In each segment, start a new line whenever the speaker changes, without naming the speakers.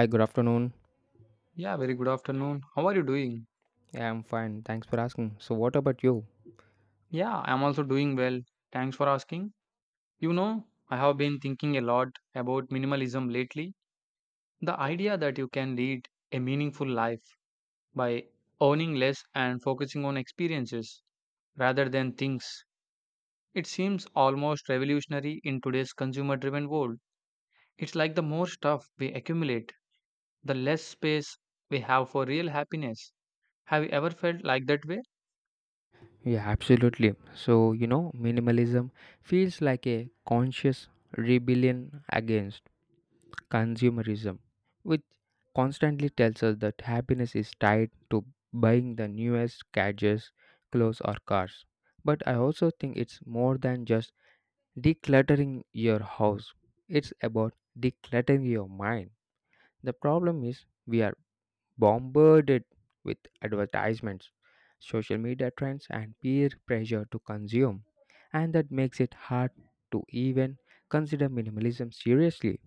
Hi, good afternoon.
Yeah, very good afternoon. How are you doing?
Yeah, I'm fine. Thanks for asking. So, what about you?
Yeah, I'm also doing well. Thanks for asking. You know, I have been thinking a lot about minimalism lately. The idea that you can lead a meaningful life by owning less and focusing on experiences rather than things. It seems almost revolutionary in today's consumer driven world. It's like the more stuff we accumulate, the less space we have for real happiness. Have you ever felt like that way?
Yeah, absolutely. So, you know, minimalism feels like a conscious rebellion against consumerism, which constantly tells us that happiness is tied to buying the newest gadgets, clothes, or cars. But I also think it's more than just decluttering your house, it's about decluttering your mind. The problem is we are bombarded with advertisements, social media trends, and peer pressure to consume, and that makes it hard to even consider minimalism seriously.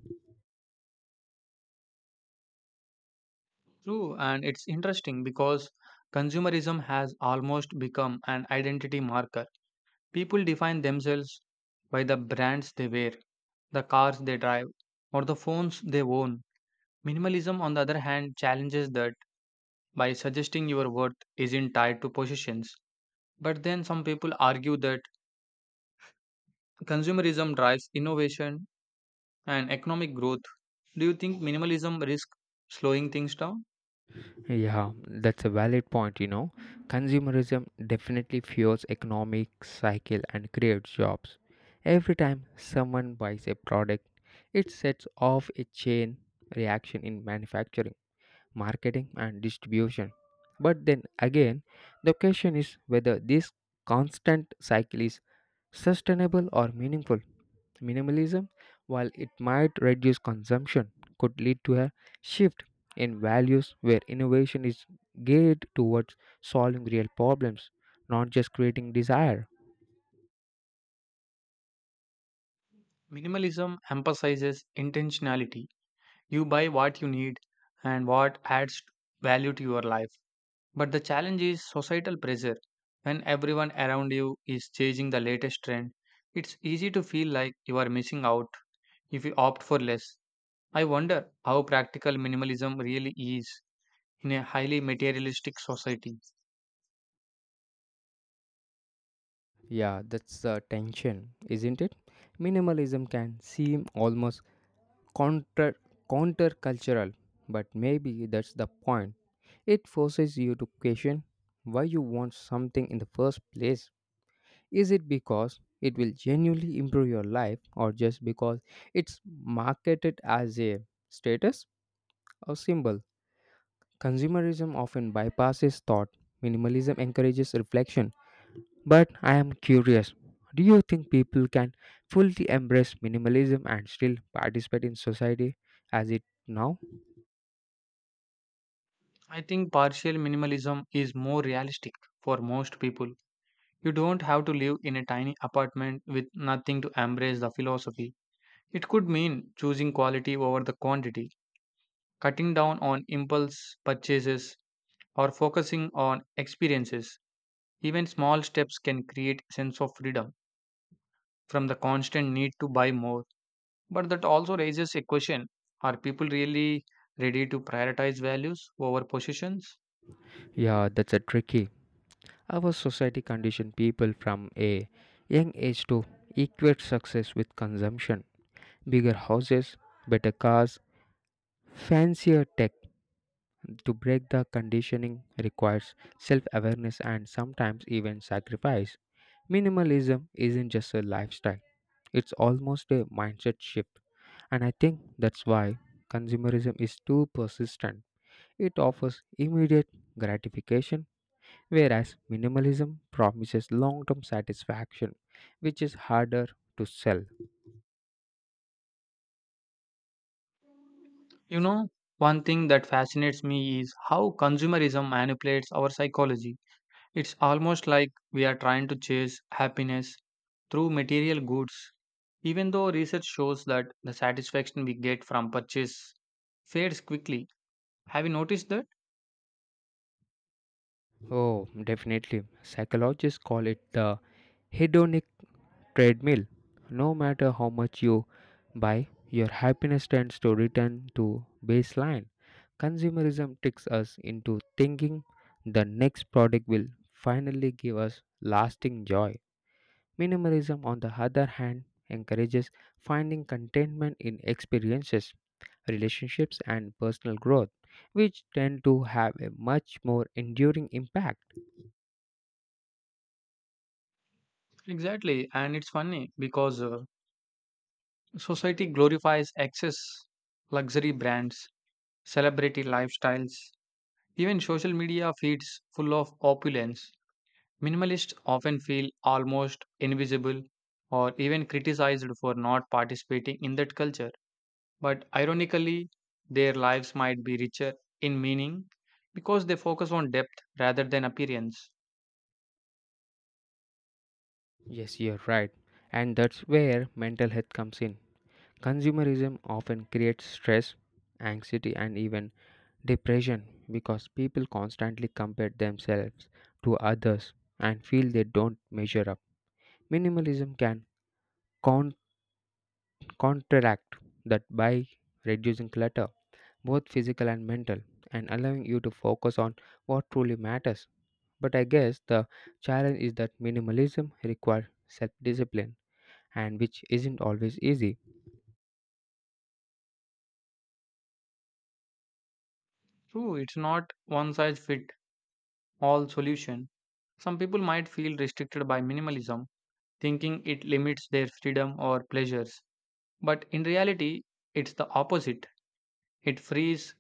True, and it's interesting because consumerism has almost become an identity marker. People define themselves by the brands they wear, the cars they drive, or the phones they own. Minimalism, on the other hand, challenges that by suggesting your worth isn't tied to possessions. But then some people argue that consumerism drives innovation and economic growth. Do you think minimalism risks slowing things down?
Yeah, that's a valid point, you know. Consumerism definitely fuels economic cycle and creates jobs. Every time someone buys a product, it sets off a chain reaction in manufacturing marketing, and distribution. But then again, the question is whether this constant cycle is sustainable or meaningful. Minimalism, while it might reduce consumption, could lead to a shift in values where innovation is geared towards solving real problems, not just creating desire.
Minimalism emphasizes intentionality. You buy what you need and what adds value to your life. But the challenge is societal pressure. When everyone around you is chasing the latest trend, it's easy to feel like you are missing out if you opt for less. I wonder how practical minimalism really is in a highly materialistic society.
Yeah, that's the tension, isn't it? Minimalism can seem almost counter countercultural, but maybe that's the point. It forces you to question why you want something in the first place. Is it because it will genuinely improve your life or just because it's marketed as a status or symbol? Consumerism often bypasses thought. Minimalism encourages reflection. But I am curious, do you think people can fully embrace minimalism and still participate in society as it now?
I think partial minimalism is more realistic for most people. You don't have to live in a tiny apartment with nothing to embrace the philosophy. It could mean choosing quality over the quantity, cutting down on impulse purchases, or focusing on experiences. Even small steps can create sense of freedom from the constant need to buy more. But that also raises a question: are people really ready to prioritize values over possessions?
Yeah, that's a tricky. Our society conditioned people from a young age to equate success with consumption. Bigger houses, better cars, fancier tech. To break the conditioning requires self awareness and sometimes even sacrifice. Minimalism isn't just a lifestyle, it's almost a mindset shift. And I think that's why consumerism is too persistent. It offers immediate gratification. Whereas minimalism promises long term satisfaction, which is harder to sell.
You know, one thing that fascinates me is how consumerism manipulates our psychology. It's almost like we are trying to chase happiness through material goods, even though research shows that the satisfaction we get from purchase fades quickly. Have you noticed that?
Oh, definitely. Psychologists call it the hedonic treadmill. No matter how much you buy, your happiness tends to return to baseline. Consumerism tricks us into thinking the next product will finally give us lasting joy. Minimalism, on the other hand, encourages finding contentment in experiences, relationships, and personal growth, which tend to have a much more enduring impact.
Exactly, and it's funny because society glorifies excess, luxury brands, celebrity lifestyles, even social media feeds full of opulence. Minimalists often feel almost invisible or even criticized for not participating in that culture. But ironically, their lives might be richer in meaning because they focus on depth rather than appearance.
Yes, you're right. And that's where mental health comes in. Consumerism often creates stress, anxiety, and even depression because people constantly compare themselves to others and feel they don't measure up. Minimalism can counter counteract that by reducing clutter, both physical and mental, and allowing you to focus on what truly matters. But I guess the challenge is that minimalism requires self discipline, and which isn't always easy.
True, it's not one size fit all solution. Some people might feel restricted by minimalism, thinking it limits their freedom or pleasures. But in reality, it's the opposite. It frees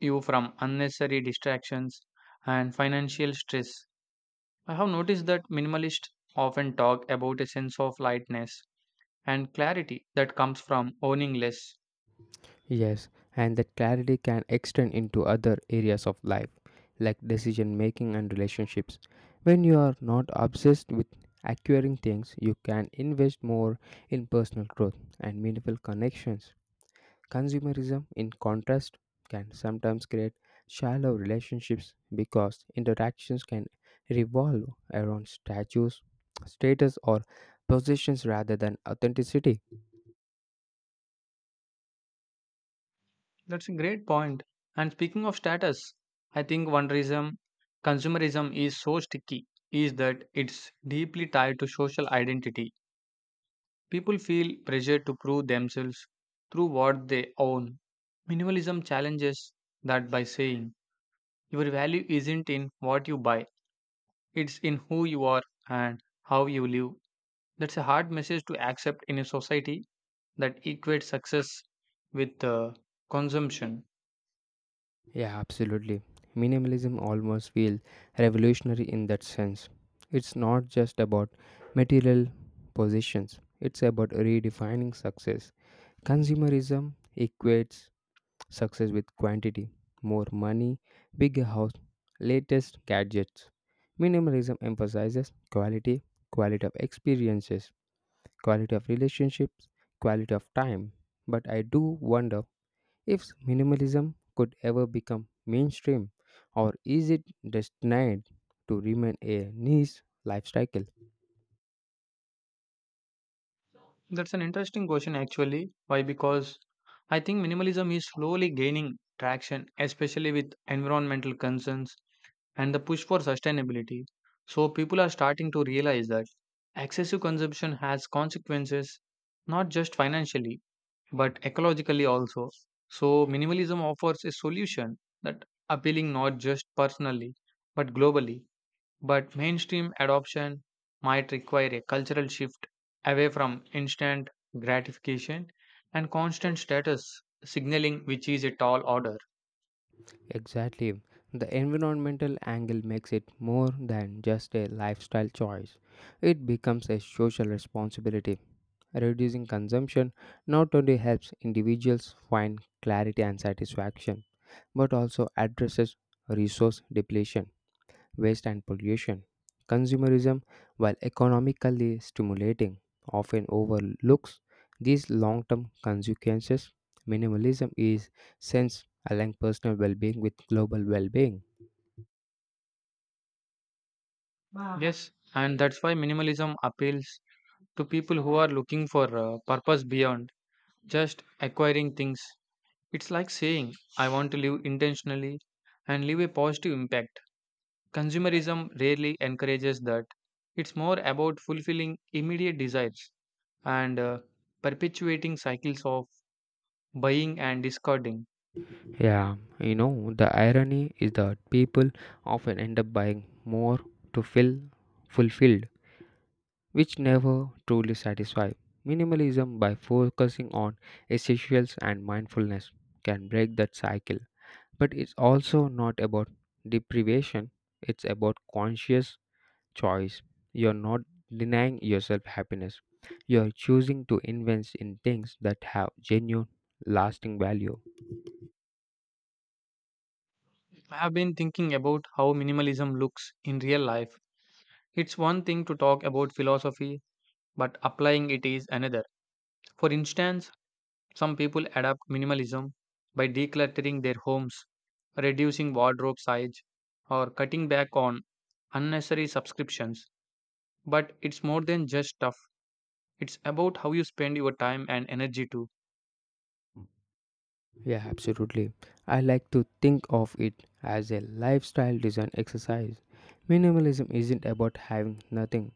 you from unnecessary distractions and financial stress. I have noticed that minimalists often talk about a sense of lightness and clarity that comes from owning less.
Yes, and that clarity can extend into other areas of life, like decision making and relationships. When you are not obsessed with acquiring things, you can invest more in personal growth and meaningful connections. Consumerism, in contrast, can sometimes create shallow relationships because interactions can revolve around status, or possessions rather than authenticity.
That's a great point. And speaking of status, I think one reason consumerism is so sticky is that it's deeply tied to social identity. People feel pressure to prove themselves through what they own. Minimalism challenges that by saying your value isn't in what you buy, it's in who you are and how you live. That's a hard message to accept in a society that equates success with consumption.
Yeah, absolutely. Minimalism almost feels revolutionary in that sense. It's not just about material possessions, it's about redefining success. Consumerism equates success with quantity, more money, bigger house, latest gadgets. Minimalism emphasizes quality, quality of experiences, quality of relationships, quality of time. But I do wonder if minimalism could ever become mainstream, or is it destined to remain a niche lifestyle?
That's an interesting question, actually. Why? Because I think minimalism is slowly gaining traction, especially with environmental concerns and the push for sustainability. So, people are starting to realize that excessive consumption has consequences, not just financially but ecologically also. So, minimalism offers a solution that appealing not just personally but globally. But mainstream adoption might require a cultural shift away from instant gratification and constant status signaling, which is a tall order.
Exactly. The environmental angle makes it more than just a lifestyle choice, it becomes a social responsibility. Reducing consumption not only helps individuals find clarity and satisfaction, but also addresses resource depletion waste and pollution. Consumerism, while economically stimulating, often overlooks these long term consequences. Minimalism is since aligning personal well being with global well being.
Wow. Yes, and that's why minimalism appeals to people who are looking for a purpose beyond just acquiring things. It's like saying, I want to live intentionally and leave a positive impact. Consumerism rarely encourages that. It's more about fulfilling immediate desires and perpetuating cycles of buying and discarding.
Yeah, you know, the irony is that people often end up buying more to feel fulfilled, which never truly satisfy. Minimalism, by focusing on essentials and mindfulness, can break that cycle. But it's also not about deprivation, it's about conscious choice. You're not denying yourself happiness, you're choosing to invest in things that have genuine, lasting value.
I have been thinking about how minimalism looks in real life. It's one thing to talk about philosophy, but applying it is another. For instance, some people adapt minimalism by decluttering their homes, reducing wardrobe size, or cutting back on unnecessary subscriptions. But it's more than just stuff, it's about how you spend your time and energy too.
Yeah, absolutely. I like to think of it as a lifestyle design exercise. Minimalism isn't about having nothing,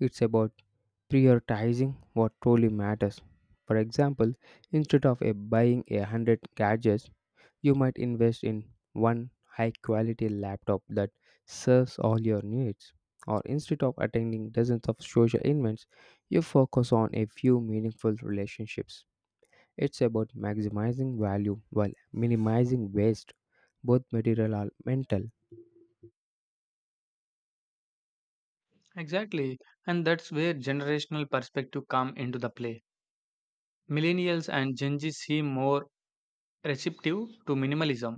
it's about prioritizing what truly matters. For example, instead of a buying a hundred gadgets, you might invest in one high quality laptop that serves all your needs. Or instead of attending dozens of social events, you focus on a few meaningful relationships. It's about maximizing value while minimizing waste, both material and mental.
Exactly, and that's where generational perspective come into the play. Millennials and Gen Z seem more receptive to minimalism,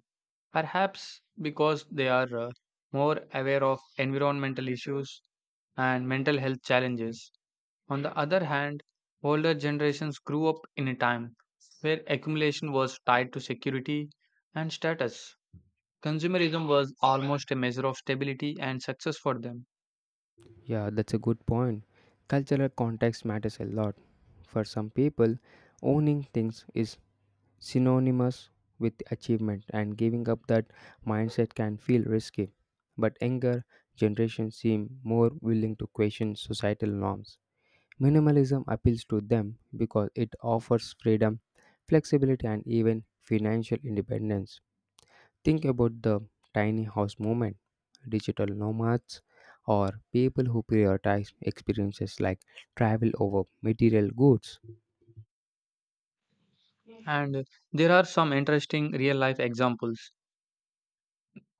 perhaps because they are more aware of environmental issues and mental health challenges. On the other hand, older generations grew up in a time where accumulation was tied to security and status. Consumerism was almost a measure of stability and success for them.
Yeah, that's a good point. Cultural context matters a lot. For some people, owning things is synonymous with achievement, and giving up that mindset can feel risky. But younger generations seem more willing to question societal norms. Minimalism appeals to them because it offers freedom, flexibility, and even financial independence. Think about the tiny house movement, digital nomads, or people who prioritize experiences like travel over material goods.
And there are some interesting real life examples.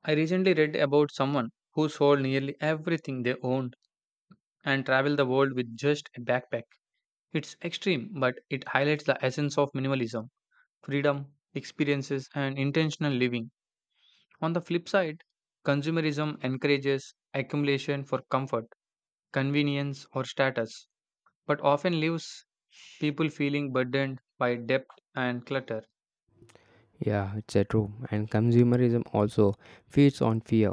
I recently read about someone who sold nearly everything they owned and traveled the world with just a backpack. It's extreme, but it highlights the essence of minimalism, freedom, experiences, and intentional living. On the flip side, consumerism encourages accumulation for comfort, convenience, or status, but often leaves people feeling burdened by debt and clutter.
Yeah, it's a true. And consumerism also feeds on fear,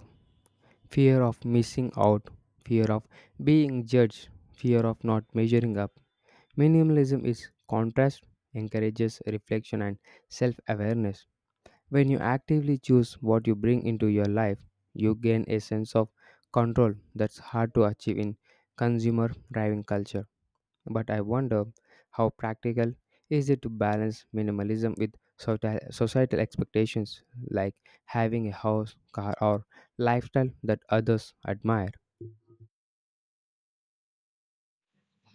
fear of missing out, fear of being judged, fear of not measuring up. Minimalism is contrast, encourages reflection and self awareness. When you actively choose what you bring into your life, you gain a sense of control that's hard to achieve in consumer driven culture. But I wonder how practical is it to balance minimalism with societal expectations like having a house, car, or lifestyle that others admire.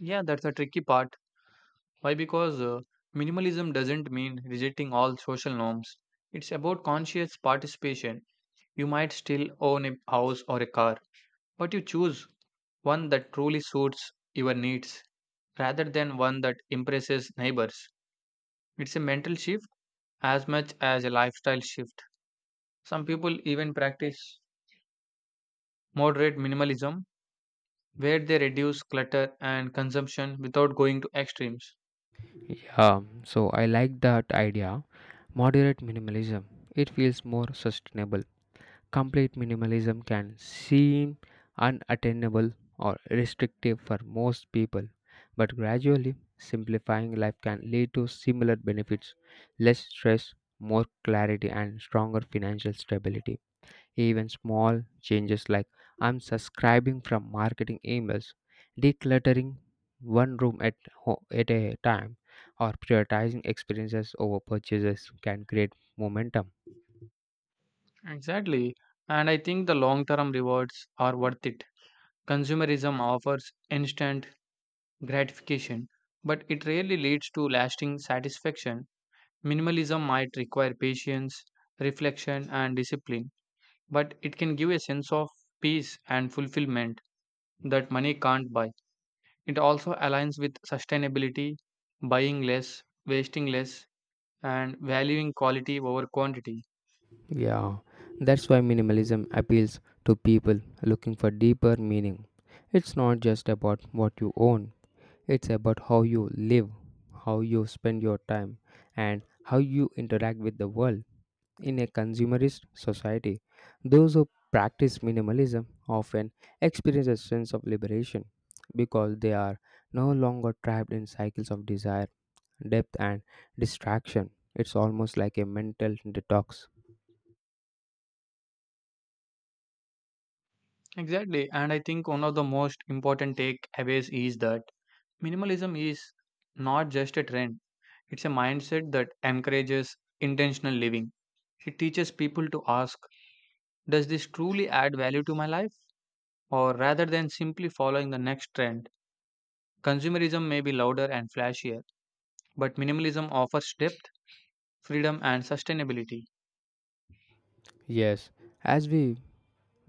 Yeah, that's a tricky part. Why? Because minimalism doesn't mean rejecting all social norms. It's about conscious participation. You might still own a house or a car, but you choose one that truly suits your needs rather than one that impresses neighbors. It's a mental shift as much as a lifestyle shift. Some people even practice moderate minimalism where they reduce clutter and consumption without going to extremes.
Yeah, so I like that idea. Moderate minimalism. It feels more sustainable. Complete minimalism can seem unattainable or restrictive for most people, but gradually simplifying life can lead to similar benefits, less stress, more clarity, and stronger financial stability. Even small changes like unsubscribing from marketing emails, decluttering one room at a time, or prioritizing experiences over purchases can create momentum.
Exactly. And I think the long term rewards are worth it. Consumerism offers instant gratification, but it rarely leads to lasting satisfaction. Minimalism might require patience, reflection, and discipline, but it can give a sense of peace and fulfillment that money can't buy. It also aligns with sustainability, buying less, wasting less, and valuing quality over quantity.
Yeah, that's why minimalism appeals to people looking for deeper meaning. It's not just about what you own, it's about how you live, how you spend your time, and how you interact with the world. In a consumerist society, those who practice minimalism often experience a sense of liberation because they are no longer trapped in cycles of desire, depth, and distraction. It's almost like a mental detox.
Exactly, and I think one of the most important takeaways is that minimalism is not just a trend. It's a mindset that encourages intentional living. It teaches people to ask, does this truly add value to my life? Or rather than simply following the next trend, consumerism may be louder and flashier, but minimalism offers depth, freedom, and sustainability.
Yes, as we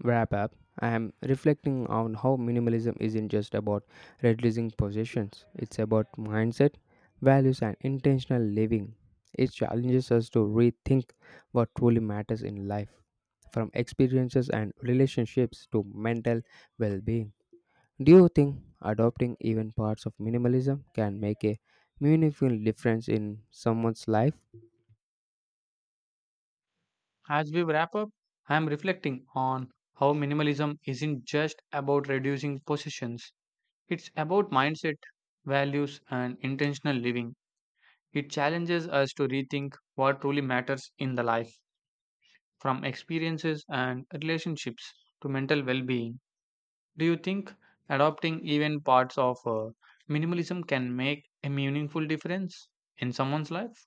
wrap up, I am reflecting on how minimalism isn't just about reducing possessions, it's about mindset, values, and intentional living. It challenges us to rethink what truly matters in life, from experiences and relationships to mental well being. Do you think adopting even parts of minimalism can make a meaningful difference in someone's life?
As we wrap up, I am reflecting on how minimalism isn't just about reducing possessions, it's about mindset, values, and intentional living. It challenges us to rethink what truly matters in the life, from experiences and relationships to mental well being. Do you think adopting even parts of minimalism can make a meaningful difference in someone's life?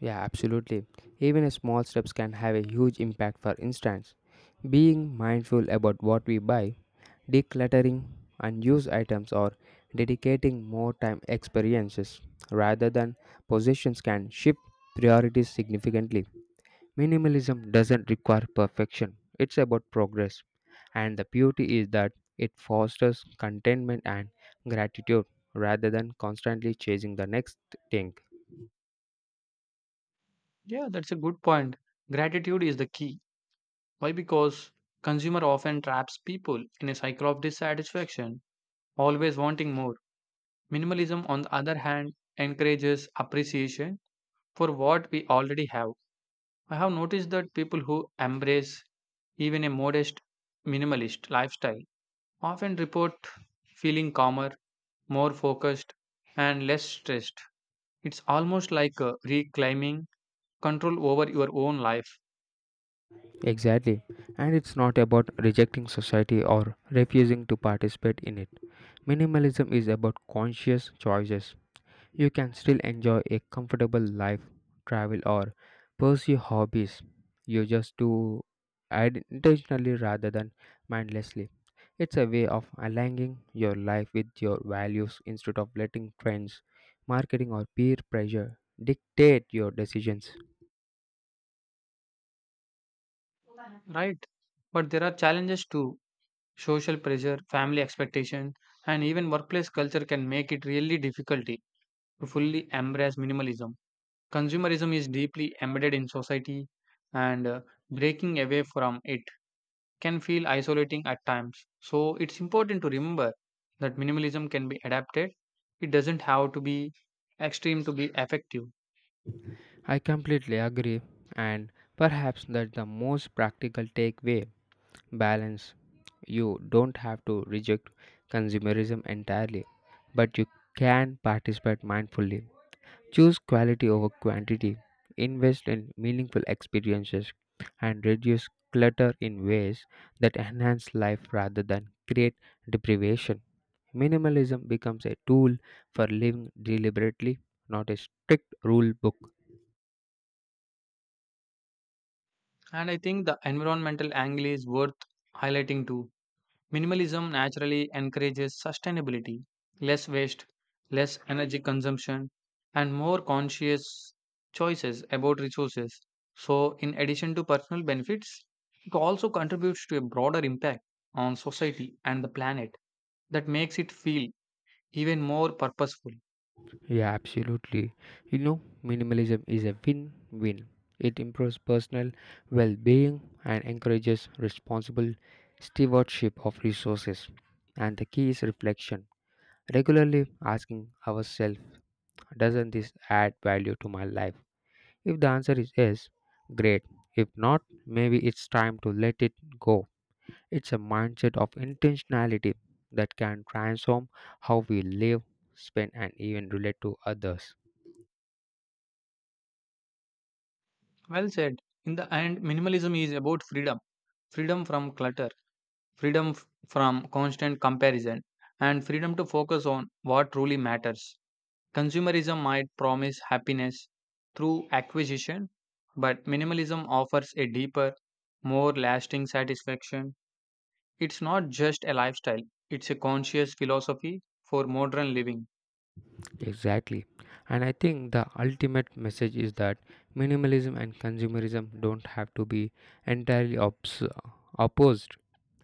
Yeah, absolutely. Even small steps can have a huge impact. For instance, being mindful about what we buy, decluttering unused items, or dedicating more time experiences rather than possessions can shift priorities significantly. Minimalism doesn't require perfection. It's about progress, and the beauty is that it fosters contentment and gratitude rather than constantly chasing the next thing.
Yeah, that's a good point. Gratitude is the key. Why? Because consumer often traps people in a cycle of dissatisfaction, always wanting more. Minimalism, on the other hand, encourages appreciation for what we already have. I have noticed that people who embrace even a modest minimalist lifestyle often report feeling calmer, more focused, and less stressed. It's almost like reclaiming control over your own life,
Exactly. And it's not about rejecting society or refusing to participate in it. Minimalism is about conscious choices. You can still enjoy a comfortable life, travel, or pursue hobbies. You just do it intentionally rather than mindlessly. It's a way of aligning your life with your values instead of letting trends, marketing, or peer pressure dictate your decisions.
right? But there are challenges too. Social pressure, family expectation, and even workplace culture can make it really difficult to fully embrace minimalism. Consumerism is deeply embedded in society, and breaking away from it can feel isolating at times. So it's important to remember that minimalism can be adapted. It doesn't have to be extreme to be effective.
I completely agree, and perhaps that's the most practical takeaway, balance. You don't have to reject consumerism entirely, but you can participate mindfully. Choose quality over quantity, invest in meaningful experiences, and reduce clutter in ways that enhance life rather than create deprivation. Minimalism becomes a tool for living deliberately, not a strict rule book.
And I think the environmental angle is worth highlighting too. Minimalism naturally encourages sustainability, less waste, less energy consumption, and more conscious choices about resources. So, in addition to personal benefits, it also contributes to a broader impact on society and the planet that makes it feel even more purposeful.
Yeah, absolutely. You know, minimalism is a win win. It improves personal well being and encourages responsible stewardship of resources. And the key is reflection. Regularly asking ourselves, doesn't this add value to my life? If the answer is yes, great. If not, maybe it's time to let it go. It's a mindset of intentionality that can transform how we live, spend, and even relate to others.
Well said. In the end, minimalism is about freedom, freedom from clutter, from constant comparison, and freedom to focus on what truly matters. Consumerism might promise happiness through acquisition, but minimalism offers a deeper, more lasting satisfaction. It's not just a lifestyle, it's a conscious philosophy for modern living.
Exactly. And I think the ultimate message is that minimalism and consumerism don't have to be entirely opposed.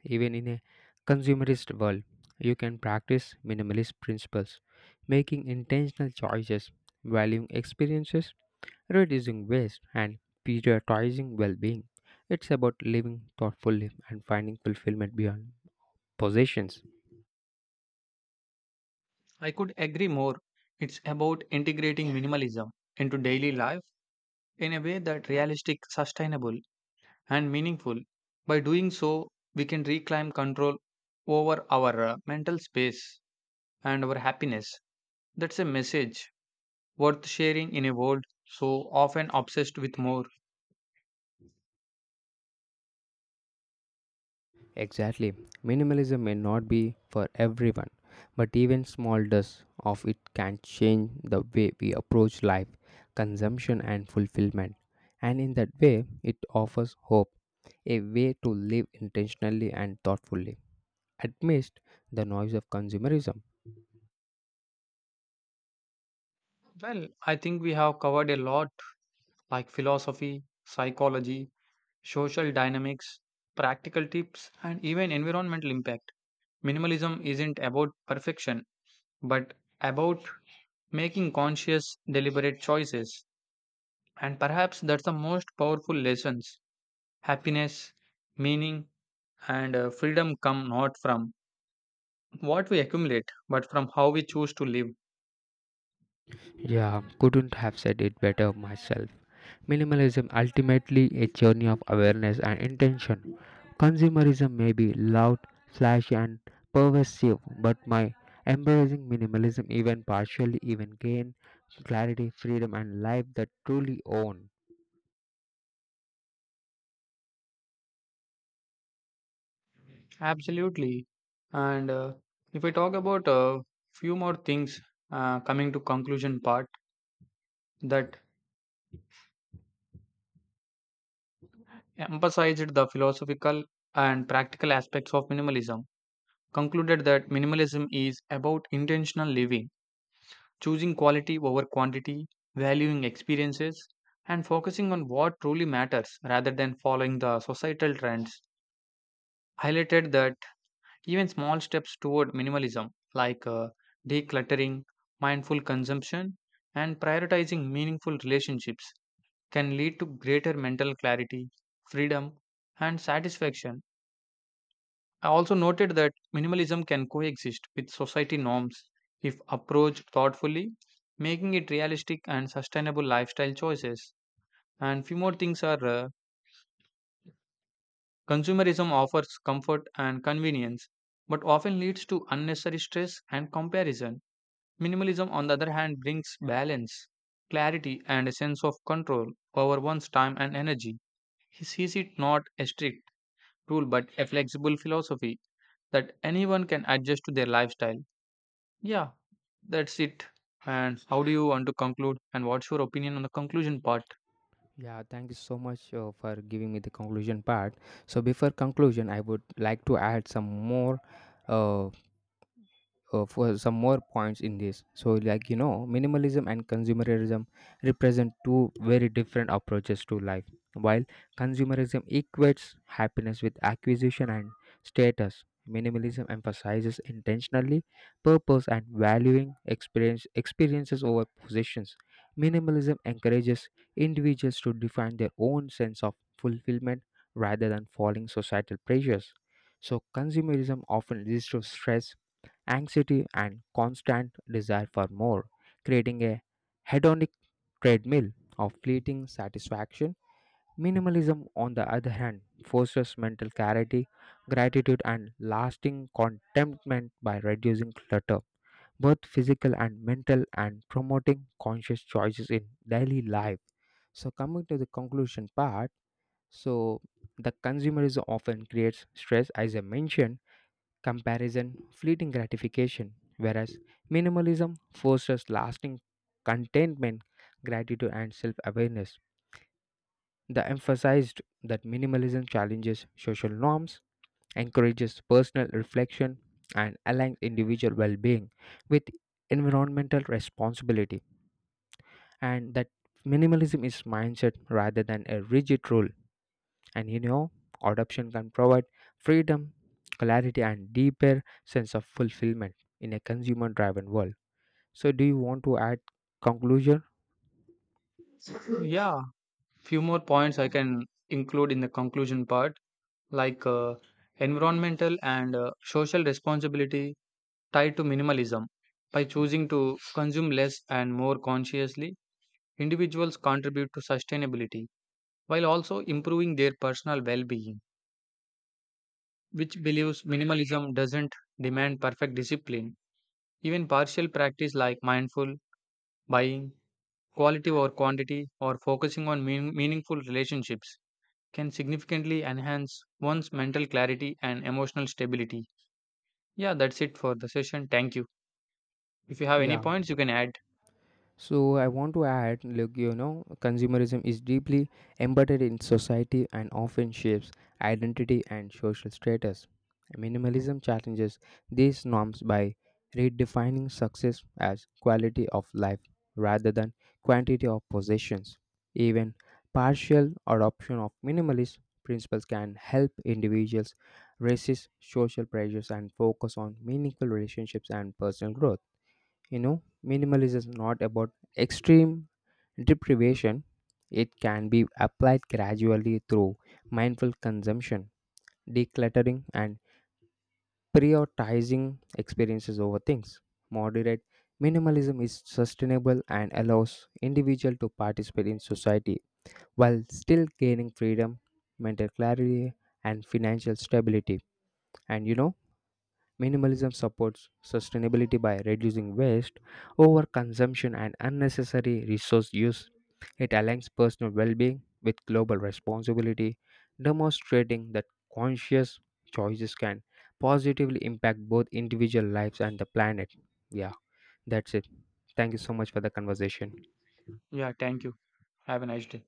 Even in a consumerist world, you can practice minimalist principles, making intentional choices, valuing experiences, reducing waste, and prioritizing well being. It's about living thoughtfully and finding fulfillment beyond possessions.
I could agree more. It's about integrating minimalism into daily life in a way that realistic, sustainable, and meaningful. By doing so, we can reclaim control over our mental space and our happiness. That's a message worth sharing in a world so often obsessed with more.
Exactly. Minimalism may not be for everyone, but even small dose of it can change the way we approach life, consumption, and fulfillment. And in that way, it offers hope, a way to live intentionally and thoughtfully amidst the noise of consumerism.
Well, I think we have covered a lot, like philosophy, psychology, social dynamics, practical tips, and even environmental impact. Minimalism isn't about perfection, but about making conscious, deliberate choices. And perhaps that's the most powerful lessons. Happiness, meaning, and freedom come not from what we accumulate, but from how we choose to live.
Yeah, couldn't have said it better myself. Minimalism ultimately a journey of awareness and intention. Consumerism may be loud, flashy, and pervasive, but my embracing minimalism, even partially, even gain clarity, freedom, and life that truly own.
Absolutely. And if I talk about a few more things coming to conclusion part, that emphasized the philosophical and practical aspects of minimalism, concluded that minimalism is about intentional living, choosing quality over quantity, valuing experiences, and focusing on what truly matters rather than following the societal trends. Highlighted that even small steps toward minimalism, like decluttering, mindful consumption, and prioritizing meaningful relationships, can lead to greater mental clarity, freedom, and satisfaction. I also noted that minimalism can coexist with society norms if approached thoughtfully, making it realistic and sustainable lifestyle choices. And few more things are consumerism offers comfort and convenience, but often leads to unnecessary stress and comparison. Minimalism, on the other hand, brings balance, clarity, and a sense of control over one's time and energy. He sees it not a strict rule but a flexible philosophy that anyone can adjust to their lifestyle. Yeah, that's it. And how do you want to conclude? And what's your opinion on the conclusion part?
Yeah, thank you so much for giving me the conclusion part. So, before conclusion, I would like to add some more uh, for some more points in this, so like you know, minimalism and consumerism represent two very different approaches to life while consumerism equates happiness with acquisition and status. Minimalism emphasizes intentionally purpose and valuing experiences over possessions. Minimalism encourages individuals to define their own sense of fulfillment rather than following societal pressures. So consumerism often leads to stress, anxiety, and constant desire for more, creating a hedonic treadmill of fleeting satisfaction. Minimalism, on the other hand, fosters mental clarity, gratitude, and lasting contentment by reducing clutter, both physical and mental, and promoting conscious choices in daily life. So, coming to the conclusion part, so the consumerism often creates stress, as I mentioned, comparison, fleeting gratification, whereas minimalism fosters lasting contentment, gratitude, and self awareness. The emphasized that minimalism challenges social norms, encourages personal reflection, and aligns individual well being with environmental responsibility, and that minimalism is mindset rather than a rigid rule. And you know, adoption can provide freedom, clarity, and deeper sense of fulfillment in a consumer driven world. So, do you want to add conclusion?
Yeah, few more points I can include in the conclusion part, like environmental and social responsibility tied to minimalism. By choosing to consume less and more consciously, individuals contribute to sustainability while also improving their personal well being, which believes minimalism doesn't demand perfect discipline. Even partial practice like mindful buying, quality over quantity, or focusing on meaningful relationships can significantly enhance one's mental clarity and emotional stability. Yeah, that's it for the session. Thank you. If you have any
Yeah,
points, you can add.
so I want to add, look, you know, consumerism is deeply embedded in society and often shapes identity and social status. Minimalism challenges these norms by redefining success as quality of life rather than quantity of possessions. Even partial adoption of minimalist principles can help individuals resist social pressures and focus on meaningful relationships and personal growth. You know, minimalism is not about extreme deprivation. It can be applied gradually through mindful consumption, decluttering, and prioritizing experiences over things. Moderate minimalism is sustainable and allows individual to participate in society while still gaining freedom, mental clarity, and financial stability. And you know, minimalism supports sustainability by reducing waste, overconsumption, and unnecessary resource use. It aligns personal well being with global responsibility, demonstrating that conscious choices can positively impact both individual lives and the planet. Yeah, that's it. Thank you so much for the conversation.
Yeah, thank you. Have a nice day.